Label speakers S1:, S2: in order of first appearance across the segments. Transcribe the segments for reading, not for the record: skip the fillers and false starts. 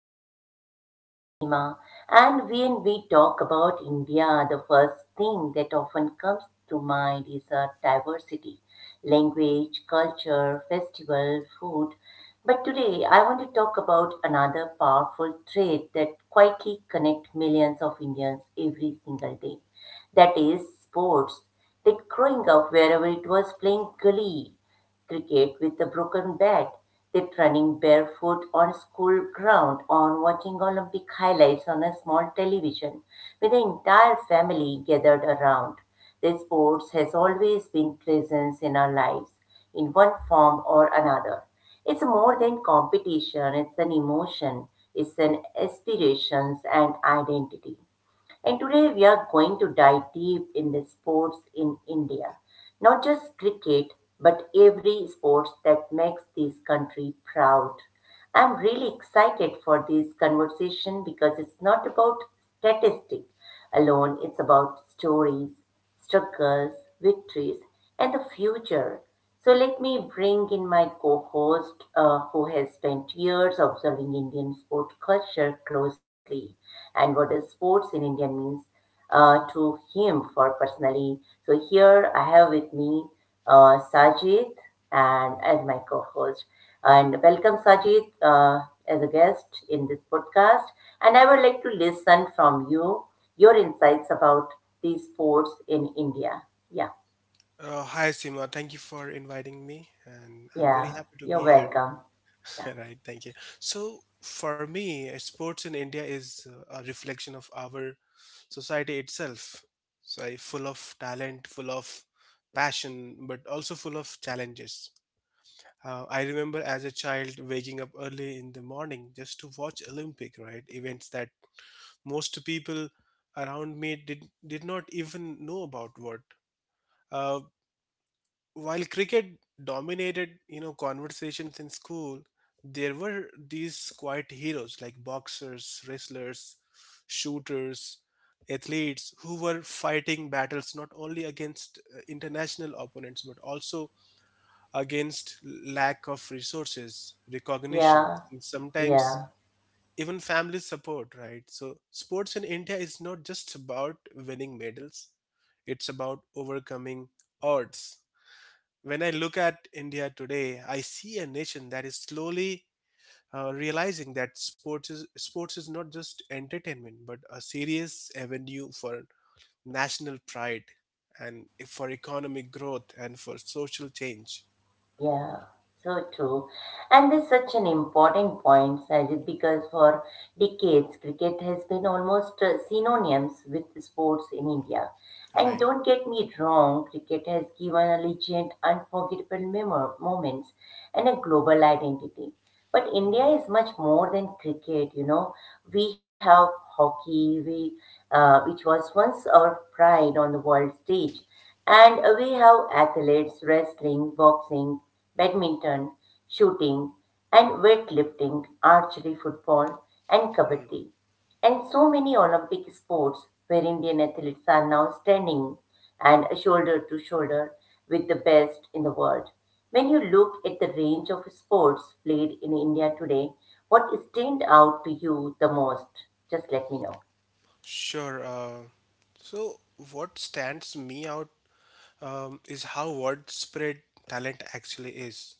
S1: podcast. This is your host Seema, and when we talk about India, the first thing that often comes to mind is our diversity, language, culture, festival, food. But today I want to talk about another powerful trait that quietly connects millions of Indians every single day. That is sports. That growing up wherever it was playing gully cricket with a broken bat, that running barefoot on school ground, on watching Olympic highlights on a small television with the entire family gathered around. The sports has always been present in our lives in one form or another. It's more than competition, it's an emotion, it's an aspirations and identity. And today we are going to dive deep in the sports in India. Not just cricket, but every sports that makes this country proud. I'm really excited for this conversation because it's not about statistic alone, it's about stories struggles, victories, and the future. So let me bring in my co-host who has spent years observing Indian sport culture closely and what is sports in India means to him for personally. So here I have with me Sajid and as my co-host. And welcome, Sajid, as a guest in this podcast. And I would like to listen from you your insights about these sports in India. Yeah,
S2: Hi Sima, thank you for inviting me, and I'm very
S1: yeah,
S2: happy to
S1: you're
S2: be here.
S1: welcome. Yeah,
S2: Right, thank you. So for me, sports in India is a reflection of our society itself. So full of talent, full of passion, but also full of challenges. I remember as a child waking up early in the morning just to watch Olympic, right? Events that most people around me did not even know about what. Uh, while cricket dominated, you know, conversations in school, there were these quiet heroes like boxers, wrestlers, shooters, athletes who were fighting battles not only against international opponents, but also against lack of resources, recognition,
S1: yeah,
S2: and sometimes
S1: yeah.
S2: even family support, right? So sports in India is not just about winning medals, it's about overcoming odds. When I look at India today, I see a nation that is slowly realizing that sports is not just entertainment, but a serious avenue for national pride and for economic growth and for social change.
S1: Yeah, so true. And there's such an important point, Sajid, because for decades, cricket has been almost synonymous with sports in India. And
S2: Right.
S1: don't get me wrong, cricket has given a legend unforgettable moments and a global identity. But India
S2: Mhm.
S1: is much more than cricket, you know. We have hockey, which was once our pride on the world stage. And we have athletes, wrestling, boxing, badminton, shooting and weightlifting, archery, football and
S2: Mm.
S1: kabaddi, and so many Olympic sports where Indian athletes are now standing and shoulder to shoulder with the best in the world. When you look at the range of sports played in India today, what stand out to you the most? Just let me know.
S2: Sure. So, what stands me out is how widespread talent actually is.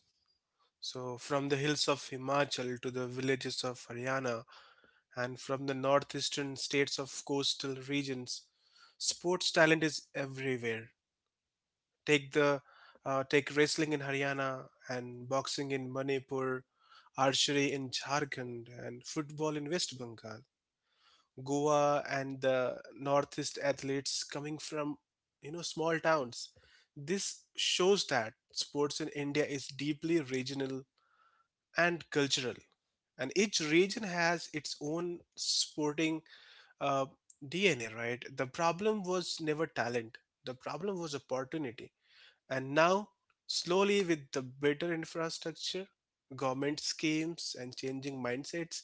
S2: So, from the hills of Himachal to the villages of Haryana, and from the northeastern states of coastal regions. Sports talent is everywhere. Take the take wrestling in Haryana and boxing in Manipur, archery in Jharkhand, and football in West Bengal. Goa and the northeast, athletes coming from, you know, small towns. This shows that sports in India is deeply regional and cultural and each region has its own sporting uh, DNA, right? The problem was never talent, the problem was opportunity. And now, slowly, with the better infrastructure, government schemes, and changing mindsets,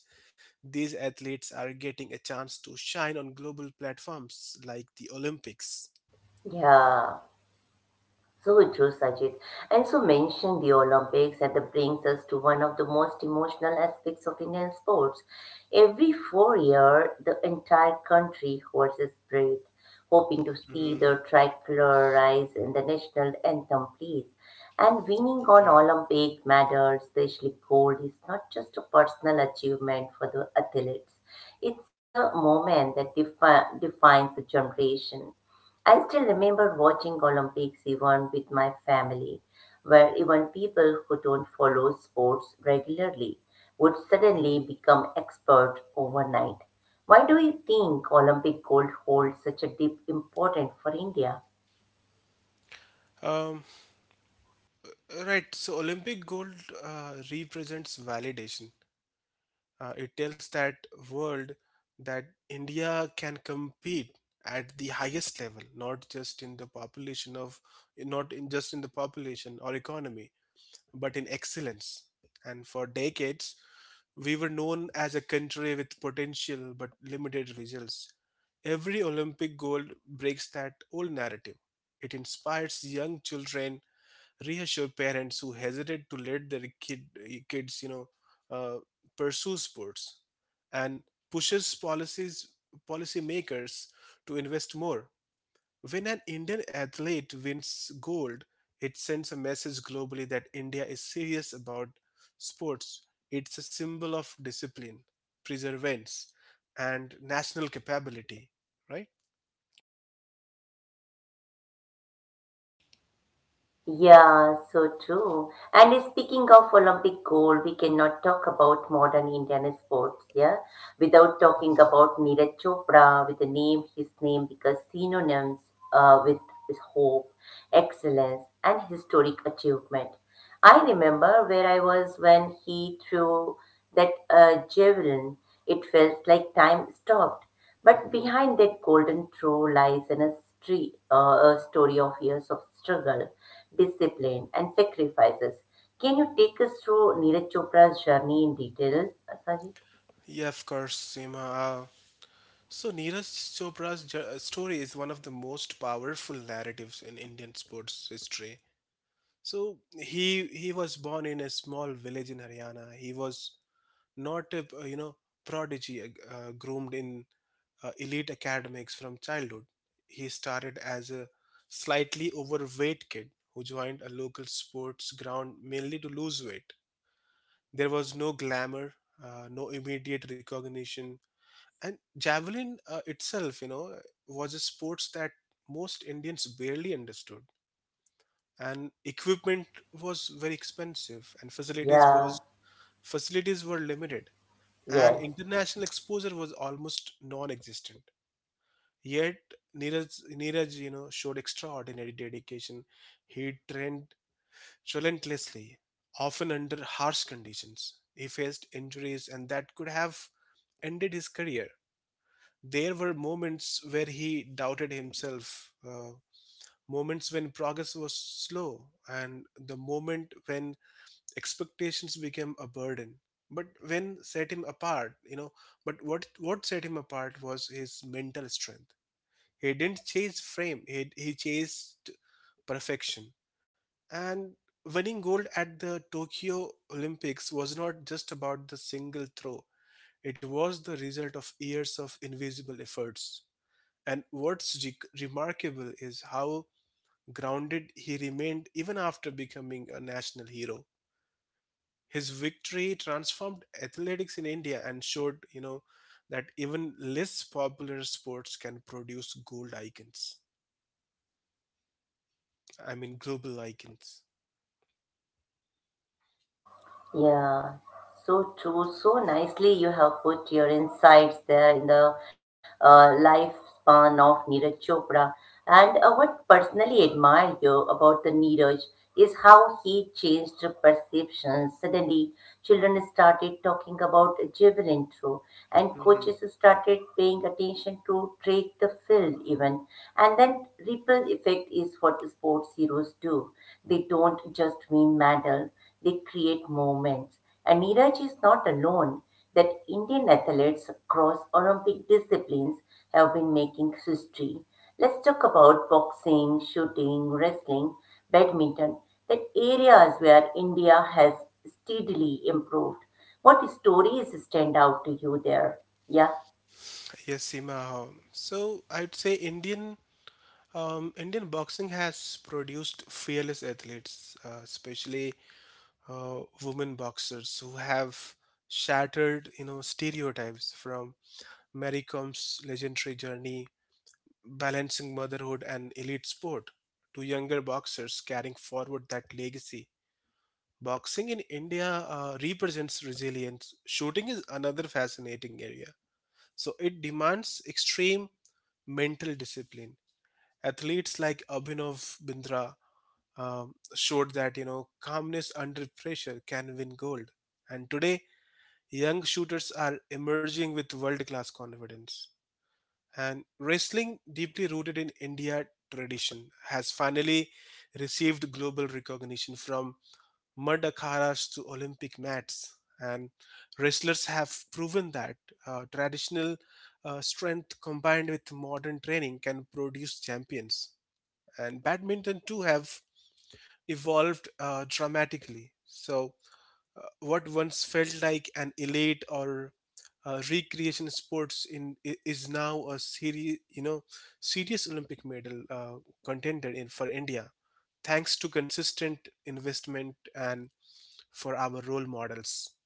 S2: these athletes are getting a chance to shine on global platforms like the Olympics.
S1: Yeah. So true, Sajid. And so mention the Olympics, and that brings us to one of the most emotional aspects of Indian sports. Every 4 year, the entire country holds its breath, hoping to see
S2: Hmm.
S1: the tricolor rise and the national anthem please. And winning on
S2: Right.
S1: Olympic medals, especially gold, is not just a personal achievement for the athletes. It's a moment that defines a generation. I still remember watching Olympics even with my family, where even people who don't follow sports regularly would suddenly
S2: Mhm.
S1: become expert overnight. Why do you think Olympic gold holds such a deep importance for India?
S2: Um, right. So Olympic gold represents validation. It tells that world that India can compete at the highest level, not just in the population of, not in just in the population or economy, but in excellence. And for decades, we were known as a country with potential but limited results. Every Olympic gold breaks that old narrative. It inspires young children, reassure parents who hesitate to let their kids, you know, uh, pursue sports and pushes policies policymakers to invest more. When an Indian athlete wins gold, it sends a message globally that India is serious about sports. It's a symbol of discipline, perseverance, and national capability, right?
S1: Yeah, so true. And speaking of Olympic gold, we cannot talk about modern Indian sports, yeah, without talking
S2: Mhm.
S1: about Neeraj Chopra with the name, his name, because synonyms with his hope, excellence, and historic achievement. I remember where I was when he threw that javelin. It felt like time stopped. But
S2: Mhm.
S1: behind that golden throw lies stre- uh, a story of years of struggle discipline, and sacrifices. Can you take us through Neeraj Chopra's journey in detail, Sajid?
S2: Yeah, of course, Seema. So Neeraj Chopra's story is one of the most powerful narratives in Indian sports history. So he was born in a small village in Haryana. He was not a, you know, prodigy groomed in elite academics from childhood. He started as a slightly overweight kid who joined a local sports ground mainly to lose weight. There was no glamour, no immediate recognition, and javelin, itself, you know, was a sports that most Indians barely understood, and equipment was very expensive and
S1: Yeah,
S2: facilities were limited and
S1: yes.
S2: international exposure was almost non-existent. Yet neeraj neeraj, you know, showed extraordinary dedication. He trained relentlessly, often under harsh conditions. He faced injuries and that could have ended his career. There were moments where he doubted himself, moments when progress was slow, and the moment when expectations became a burden. But when set him apart, you know, but what set him apart was his mental strength. He didn't chase frame, he chased perfection. And winning gold at the Tokyo Olympics was not just about the single throw, it was the result of years of invisible efforts. And remarkable is how grounded he remained even after becoming a national hero. His victory transformed athletics in India and showed, you know, that even less popular sports can produce gold icons. I mean, global icons.
S1: Yeah, so true. So nicely you have put your insights there in the lifespan of Neeraj Chopra. And what personally admire you about the Neeraj is how he changed the perception. Suddenly, children started talking about Jewel intro, and
S2: Hmm.
S1: coaches started paying attention to Drake the field even. And then ripple effect is what sports heroes do. They don't just win medal they create moments. And Neeraj is not alone that Indian athletes across Olympic disciplines have been making history. Let's talk about boxing, shooting, wrestling, badminton, that areas where India has steadily improved. What stories stand out to you there? Yeah.
S2: Yes, Seema. So I'd say Indian boxing has produced fearless athletes, especially women boxers who have shattered, you know, stereotypes. From Mary Com's legendary journey balancing motherhood and elite sport to younger boxers carrying forward that legacy. Boxing in India represents resilience. Shooting is another fascinating area. So it demands extreme mental discipline. Athletes like Abhinav Bindra showed that, you know, calmness under pressure can win gold. And today, young shooters are emerging with world class confidence. And wrestling, deeply rooted in India tradition, has finally received global recognition, from mud akharas to Olympic mats. And wrestlers have proven that traditional strength combined with modern training can produce champions. And badminton, too, have evolved dramatically. So, what once felt like an elite or recreation sports is now a serious you know serious Olympic medal contender in for India, thanks to consistent investment and for our role models.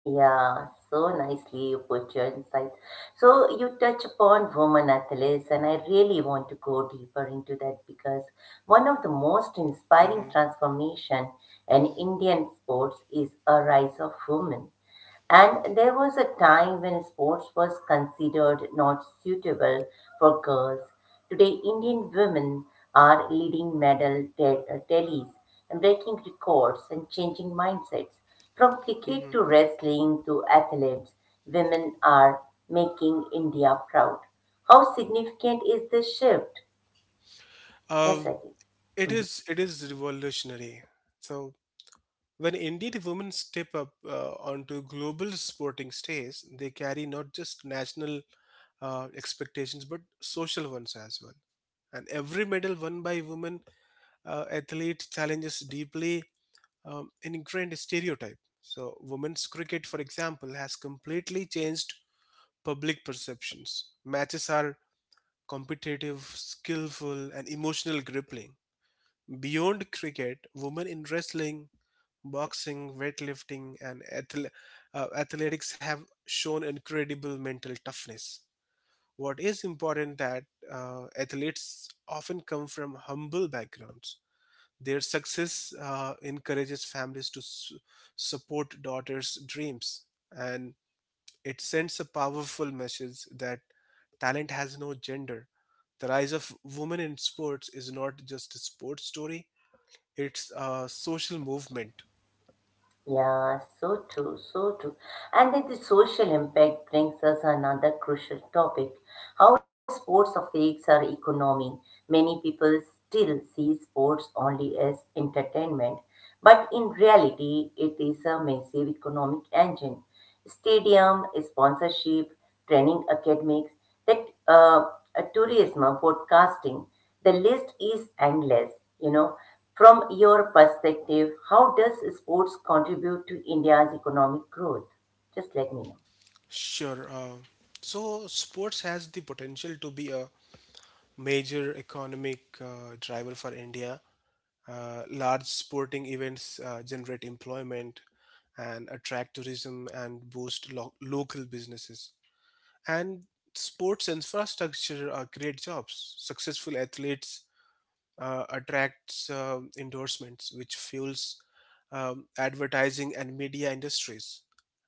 S1: Yeah, so nicely you put your insight. So you touch upon women athletes, and I really want to go deeper into that because one of the most inspiring
S2: Hmm.
S1: transformation in Indian sports is a rise of women. And there was a time when sports was considered not suitable for girls. Today, Indian women are leading tallies and breaking records and changing mindsets. From cricket
S2: Hmm.
S1: to wrestling to athletes, women are making India proud. How significant is this shift? Yes,
S2: Um,
S1: Ajit.
S2: it is, it is revolutionary. So when Indian women step up onto global sporting stage, they carry not just national expectations but social ones as well. And every medal won by women athlete challenges deeply an ingrained stereotype. So, women's cricket, for example, has completely changed public perceptions. Matches are competitive, skillful, and emotional grappling. Beyond cricket, women in wrestling, boxing, weightlifting, and athletics have shown incredible mental toughness. What is important that athletes often come from humble backgrounds, their success encourages families to support daughters' dreams, and it sends a powerful message that talent has no gender. The rise of women in sports is not just a sports story, it's a social movement.
S1: Yeah, so true, so true. And then the social impact brings us another crucial topic how sports affects our economy. Many people still see sports only as entertainment, but in reality, it is a massive economic engine. Stadium, sponsorship, training academics, that tourism or podcasting, the list is endless. You know, from your perspective, how does sports contribute to India's economic growth? Just let me know.
S2: Sure. Sports has the potential to be a major economic driver for India. Large sporting events generate employment and attract tourism and boost local businesses. And sports infrastructure create jobs. Successful athletes attracts endorsements, which fuels advertising and media industries.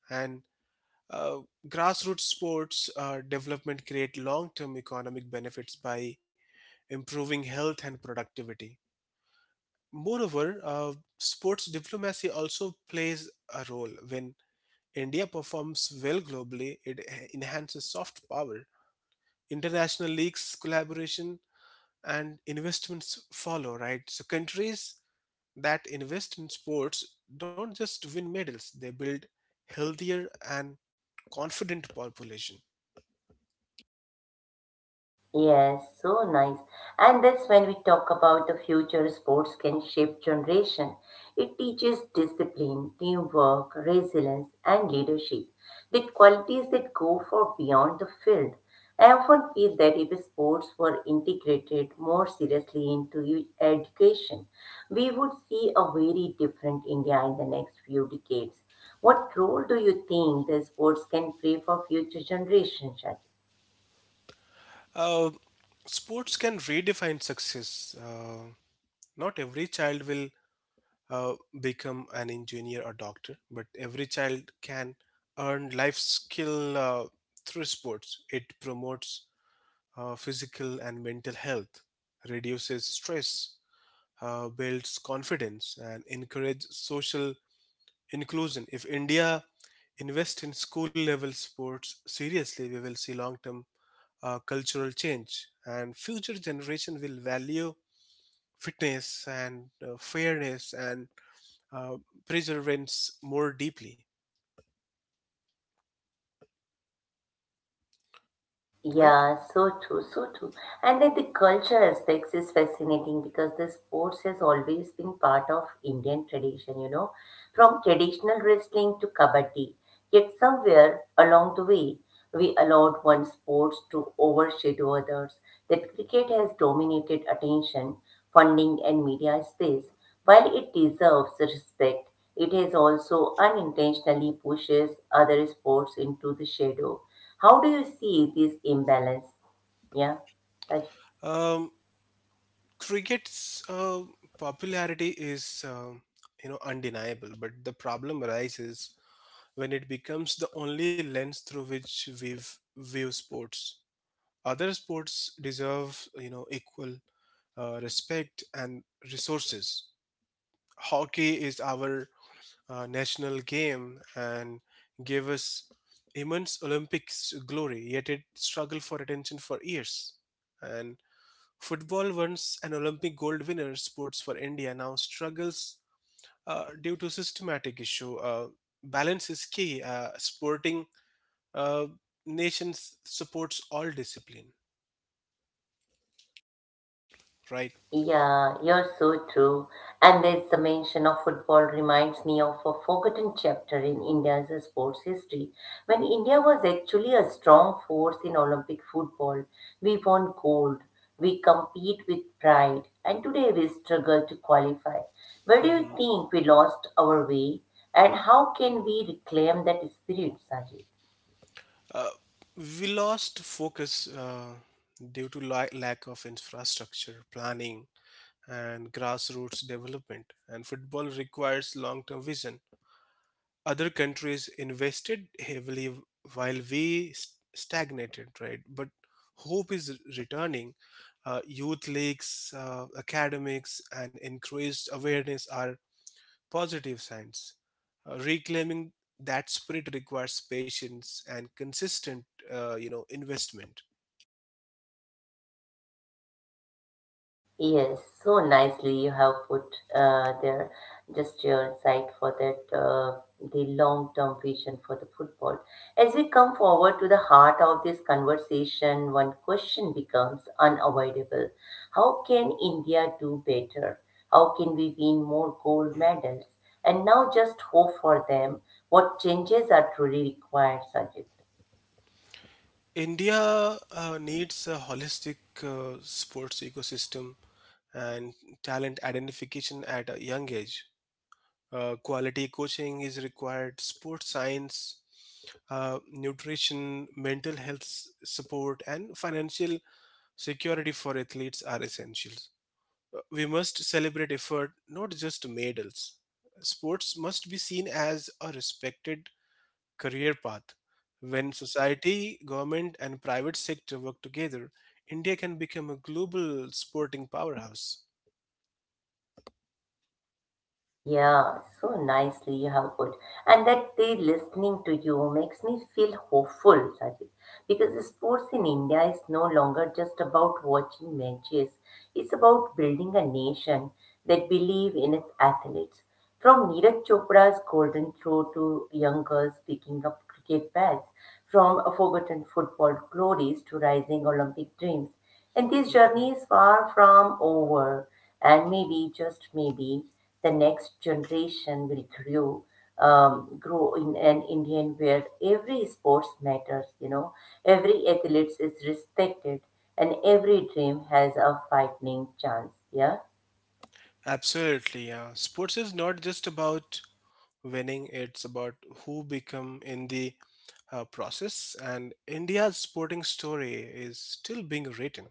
S2: And uh, grassroots sports development create long-term economic benefits by improving health and productivity. Moreover, sports diplomacy also plays a role. When India performs well globally, it enhances soft power. International leagues, collaboration, and investments follow, right? So, countries that invest in sports don't just win medals, they build healthier and confident population.
S1: Yes, so nice. And that's when we talk about the future sports can shape generation. It teaches discipline, teamwork, resilience, and leadership. The qualities that go far beyond the field. I often feel that if sports were integrated more seriously into education, we would see a very different India in the next few decades. What role do you think the sports can play for future generations, Shakil?
S2: Uh, Sports can redefine success. Not every child will uh, become an engineer or doctor, but every child can earn life skill through sports. It promotes physical and mental health, reduces stress, builds confidence, and encourages social inclusion. If India invest in school level sports seriously, we will see long term cultural change, and future generation will value fitness and fairness and uh, perseverance more deeply, right?
S1: Yeah, so true, so true. And then the culture aspects is fascinating because the sports has always been part of Indian tradition, you know, from traditional wrestling to kabaddi. Yet somewhere along the way, we allowed one sport to overshadow others. That cricket has dominated attention, funding, and media space. While it deserves respect, it has also unintentionally pushes other sports into the shadow how do you see this imbalance? Yeah, Raj-
S2: Um, Cricket's popularity is, you know, undeniable, but the problem arises when it becomes the only lens through which we view sports. Other sports deserve, you know, equal respect and resources. Hockey is our national game and gave us immense Olympics glory, yet it struggled for attention for years. And football, once an Olympic gold winner sports for India, now struggles due to systematic issue. Balance is key. Sporting uh, nations supports all discipline, right?
S1: yeah, you're so true. And there's the mention of football reminds me of a forgotten chapter in India's sports history. When India was actually a strong force in Olympic football, we won gold, we compete with pride, and today we struggle to qualify. Where do you
S2: Hmm.
S1: think we lost our way? And how can we reclaim that spirit, Sajid?
S2: Uh, we lost focus uh, due to lack of infrastructure planning and grassroots development, and football requires long term vision. Other countries invested heavily while we stagnated, right? But hope is returning. Youth leagues, academics, and increased awareness are positive signs. Reclaiming that spirit requires patience and consistent, investment.
S1: Yes, so nicely you have put there just your side for that the long-term vision for the football. As we come forward to the heart of this conversation, one question becomes unavoidable. How can India do better? How can we win more gold
S2: Mhm.
S1: medals? And now just hope for them. What changes are truly required, Sajid?
S2: India needs a holistic sports ecosystem and talent identification at a young age. Quality coaching is required, sports science, nutrition, mental health support, and financial security for athletes are essentials. We must celebrate effort, not just medals. Sports must be seen as a respected career path. When society, government, and private sector work together, India can become a global sporting powerhouse.
S1: Yeah, so nicely, how good. And that they listening to you makes me feel hopeful, Sajid. Because sports in India is no longer just about watching matches. It's about building a nation that believe in its athletes. From Neeraj Chopra's golden throw to young girls picking up cricket bats, from a forgotten football glories to rising Olympic dreams. And this journey is far from over. And maybe, just maybe, the next generation will grow in an Indian where every sports matters, you know, every athlete is respected and every dream has a fighting chance. Yeah.
S2: Absolutely, yeah. Sports is not just about winning, it's about who become in the process. And India's sporting story is still being written.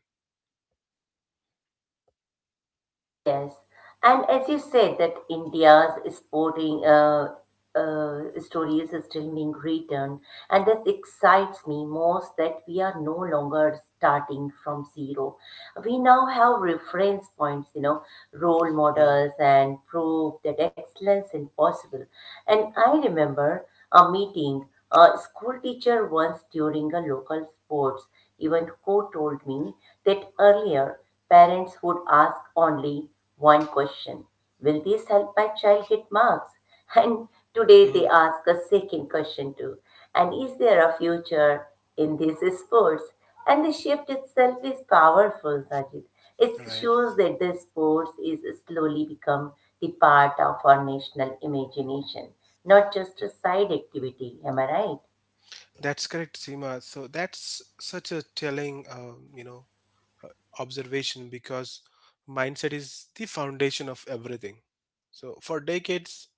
S1: Yes. And as you said that India's sporting stories is still being written and this excites me most that we are no longer starting from zero we now have reference points you know role
S2: Mm,
S1: models and prove that excellence is possible and I remember a meeting a school teacher once during a local sports event who told me that earlier parents would ask only one question will this help my child get marks and today they
S2: mhm.
S1: ask a second question too. And is there a future in these sports? And the shift itself is powerful, Sajid. It
S2: Right.
S1: shows that the sports is slowly become the part of our national imagination, not just a side activity. Am I right?
S2: That's correct, Seema. So that's such a telling, uh, observation because mindset is the foundation of everything. So for decades,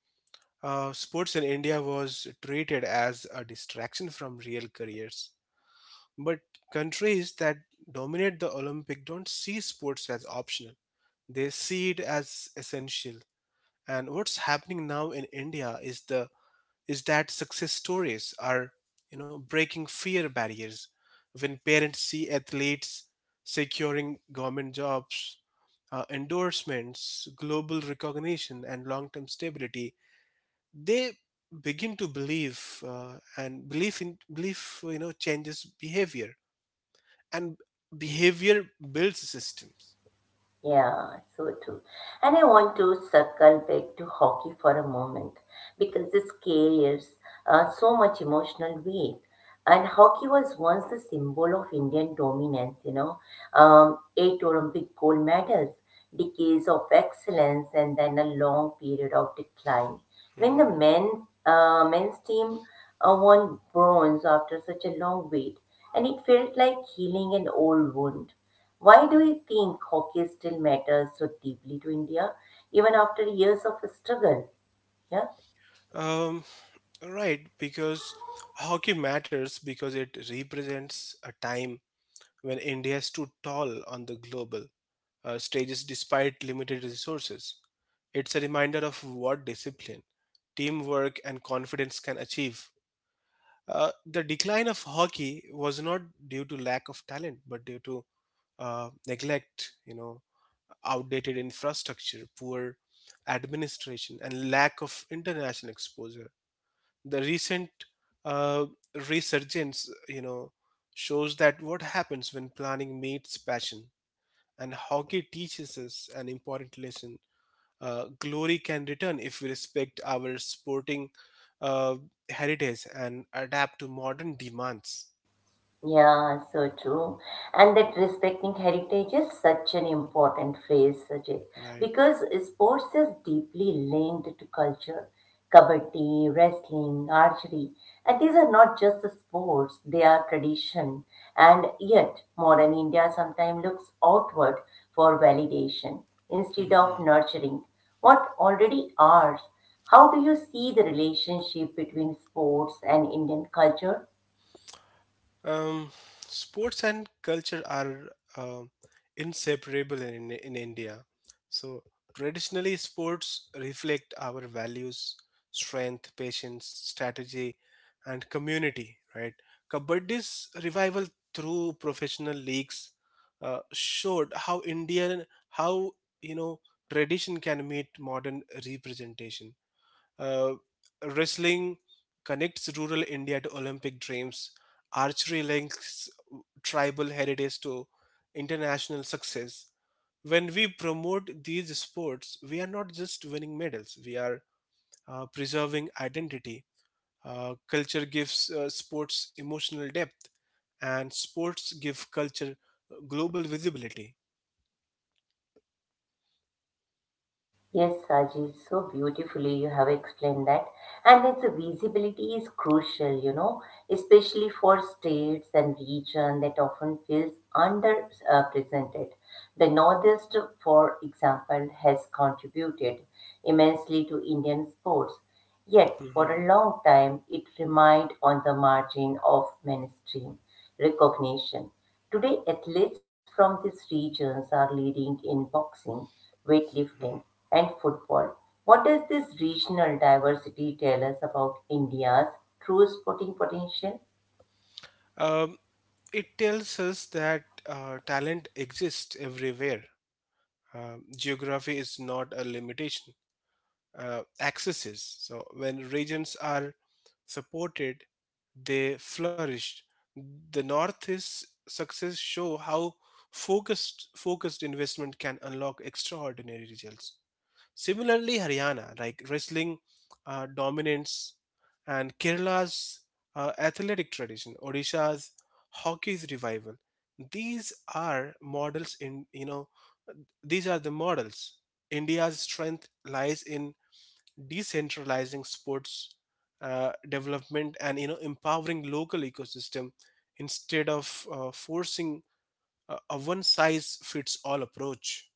S2: sports in India was treated as a distraction from real careers. But countries that dominate the Olympic don't see sports as optional. They see it as essential. And what's happening now in India is that success stories are, you know, breaking fear barriers. When parents see athletes securing government jobs, endorsements, global recognition, and long-term stability, they begin to believe, and belief in belief, you know, changes behavior and behavior builds systems.
S1: Yeah, so true. And I want to circle back to hockey for a moment because this carries so much emotional weight. And hockey was once the symbol of Indian dominance, you know, 8 Olympic gold medals, decades of excellence, and then a long period of decline. When
S2: Mhm.
S1: men's team won bronze after such a long wait, and it felt like healing an old wound. Why do you think hockey still matters so deeply to India, even after years of struggle? Yeah.
S2: Um, right, because hockey matters because it represents a time when India stood tall on the global stages despite limited resources. It's a reminder of what discipline, teamwork, and confidence can achieve. The decline of hockey was not due to lack of talent, but due to neglect, outdated infrastructure, poor administration, and lack of international exposure. The recent uh, resurgence, shows that what happens when planning meets passion. And hockey teaches us an important lesson. Glory can return if we respect our sporting uh, heritage and adapt to modern demands.
S1: Yeah, so true. And that respecting heritage is such an important phrase, Sajid,
S2: Right.
S1: because sports is deeply linked to culture. Kabaddi, wrestling, archery, and these are not just the sports, they are tradition. And yet, modern India sometimes looks outward for validation instead of
S2: Mm-hmm.
S1: nurturing what already are. How do you see the relationship between sports and Indian culture?
S2: Um, Sports and culture are um inseparable in India. So, traditionally, sports reflect our values, strength, patience, strategy, and community, right? Kabaddi's revival through professional leagues showed how Indian, how, you know, tradition can meet modern representation, uh, wrestling connects rural India to Olympic dreams. Archery links tribal heritage to international success. When we promote these sports, we are not just winning medals, we are preserving identity. Culture gives sports emotional depth, and sports give culture global visibility.
S1: Yes, Sajid, so beautifully you have explained that. And its visibility is crucial, you know, especially for states and region that often feels underrepresented. The Northeast, for example, has contributed immensely to Indian sports. Yet, for
S2: Mhm,
S1: a long time, it remained on the margin of mainstream recognition. Today, athletes from these regions are leading in boxing, weightlifting,
S2: mhm.
S1: and football. What does this regional diversity tell us about India's true sporting potential?
S2: Um, it tells us that talent exists everywhere. Geography is not a limitation, access is. So, when regions are supported, they flourish. The North's success show how focused investment can unlock extraordinary results. Similarly, Haryana, like wrestling dominance, and Kerala's athletic tradition, Odisha's hockey's revival, these are models in you know these are the models. India's strength lies in decentralizing sports development and empowering local ecosystem instead of forcing a one size fits all approach.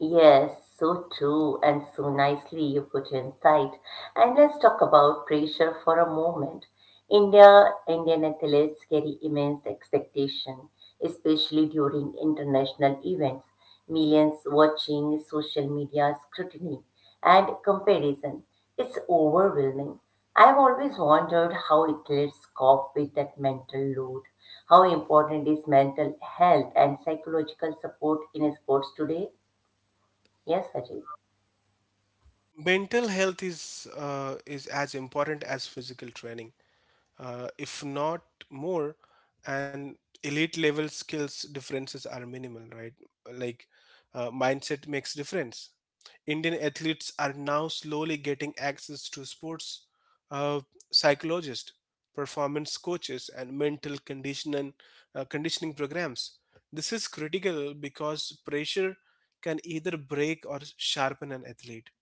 S1: Yes, so true and so nicely you put insight. And let's talk about pressure for a moment. India, Indian athletes carry immense expectation, especially during international events. Millions watching social media scrutiny and comparison. It's overwhelming. I've always wondered how athletes cope with that mental load. How important is mental health and psychological support in sports today? Yes, Ajit.
S2: Mental health is as important as physical training, if not more. And elite level skills differences are minimal, right? Like, mindset makes difference. Indian athletes are now slowly getting access to sports uh, psychologists, performance coaches, and mental conditioning programs. This is critical because pressure can either break or sharpen an athlete.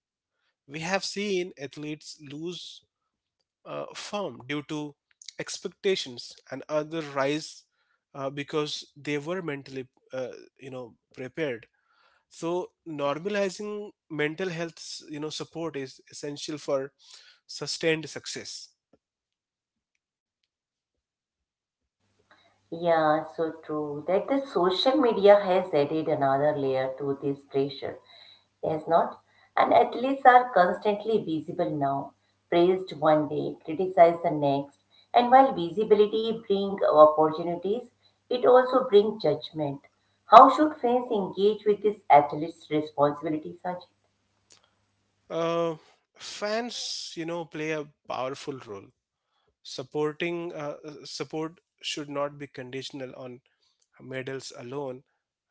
S2: We have seen athletes lose firm due to expectations and other rise because they were mentally uh, prepared. So normalizing mental health support is essential for sustained success.
S1: Yeah, so true. That the social media has added another layer to this pressure, has not? And athletes are constantly visible now, praised one day, criticized the next. And while visibility brings opportunities, it also brings judgment. How should fans engage with this athlete's responsibilities, Ajit?
S2: uh, Fans play a powerful role. Support should not be conditional on medals alone.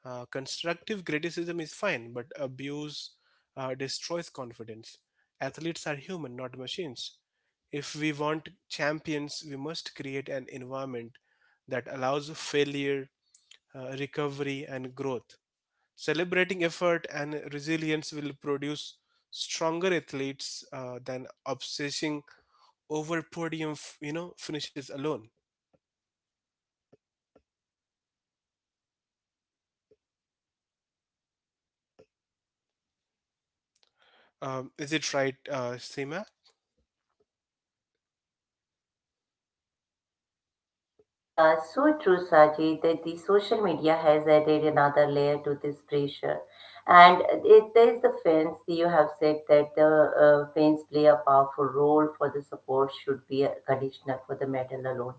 S2: Constructive criticism is fine, but abuse destroys confidence. Athletes are human, not machines. If we want champions, we must create an environment that allows failure, recovery, and growth. Celebrating effort and resilience will produce stronger athletes than obsessing over podium, finishes alone. Is it right, Seema?
S1: Yeah, so true, Sajid, that the social media has added another layer to this pressure. And it, there is the fans, you have said that the fans play a powerful role for the support should be conditional for the medal alone.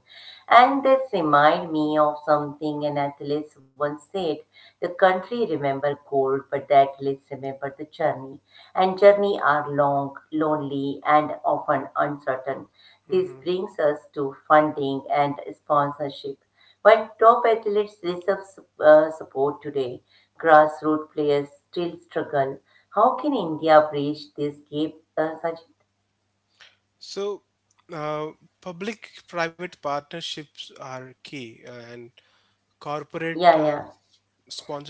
S1: And that remind me of something an athlete once said, the country remember gold, but the athletes remember the journey. And journey are long, lonely, and often uncertain. This
S2: Hmm.
S1: brings us to funding and sponsorship. While top athletes receive support today, grassroots players still struggle. How can India bridge this gap, Sajid?
S2: So, uh, public-private partnerships are key, and corporate
S1: Yeah, yeah.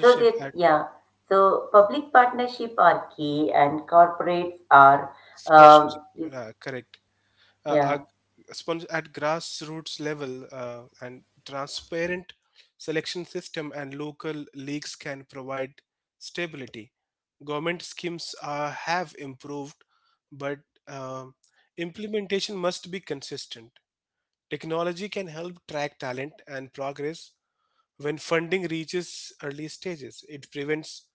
S1: So that,
S2: at
S1: yeah. So public partnership are key and corporates are,
S2: sponsorship.
S1: is-
S2: Correct. uh,
S1: yeah.
S2: are at grassroots level, and transparent selection system and local leagues can provide stability. Government schemes have improved, but um implementation must be consistent. Technology can help track talent and progress. When funding reaches early stages, it prevents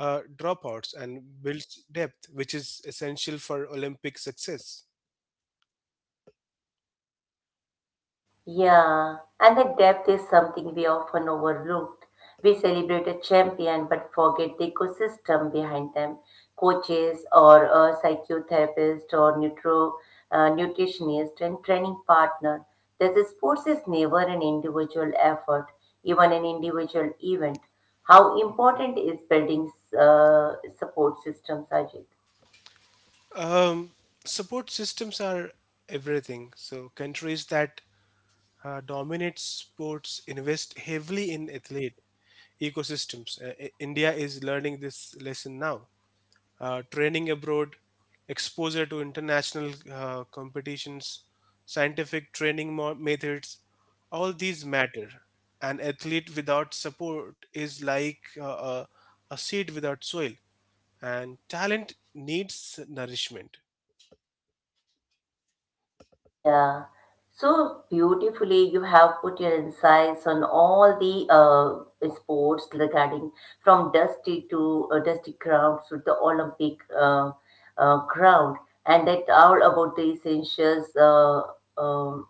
S2: dropouts and builds depth, which is essential for Olympic success.
S1: Yeah, and the depth is something we often overlooked. We celebrate a champion but forget the ecosystem behind them. Coaches or a psychotherapist or nutritionist and training partner. This sports is never an individual effort, even an individual event. How important is building uh, support systems, Ajit?
S2: Um, Support systems are everything. So countries that dominates sports invest heavily in athlete ecosystems. India is learning this lesson now. Training abroad, exposure to international competitions, scientific training methods, all these matter. An athlete without support is like a, a seed without soil, and talent needs nourishment.
S1: Yeah, so beautifully you have put your insights on all the sports regarding from dusty to dusty grounds to the Olympic ground, and that all about the essentials um,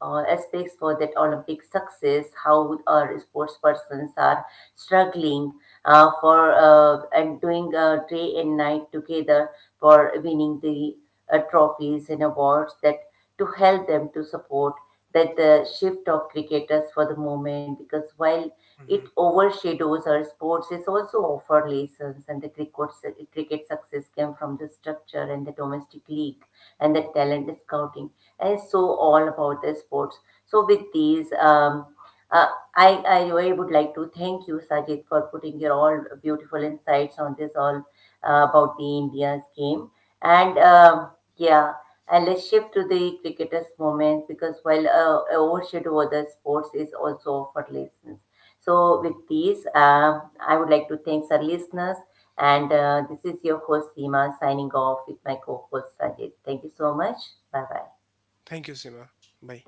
S1: aspects for that Olympic success, how our sports persons are struggling for and doing day and night together for winning the trophies and awards that to help them to support that the shift of cricketers for the moment because while it
S2: Mhm.
S1: overshadows our sports it also offers lessons and the cricket, cricket success came from the structure and the domestic league and the talent scouting and so all about the sports so with these uh, I would like to thank you Sajid for putting your all beautiful insights on this all about the India's game and yeah and let's shift to the cricketers' moment because while overshadow other sports is also for lessons. So with these, I would like to thank our listeners. And this is your host Seema signing off with my co-host Sajid. Thank you so much. Bye bye.
S2: Thank you, Sima. Bye.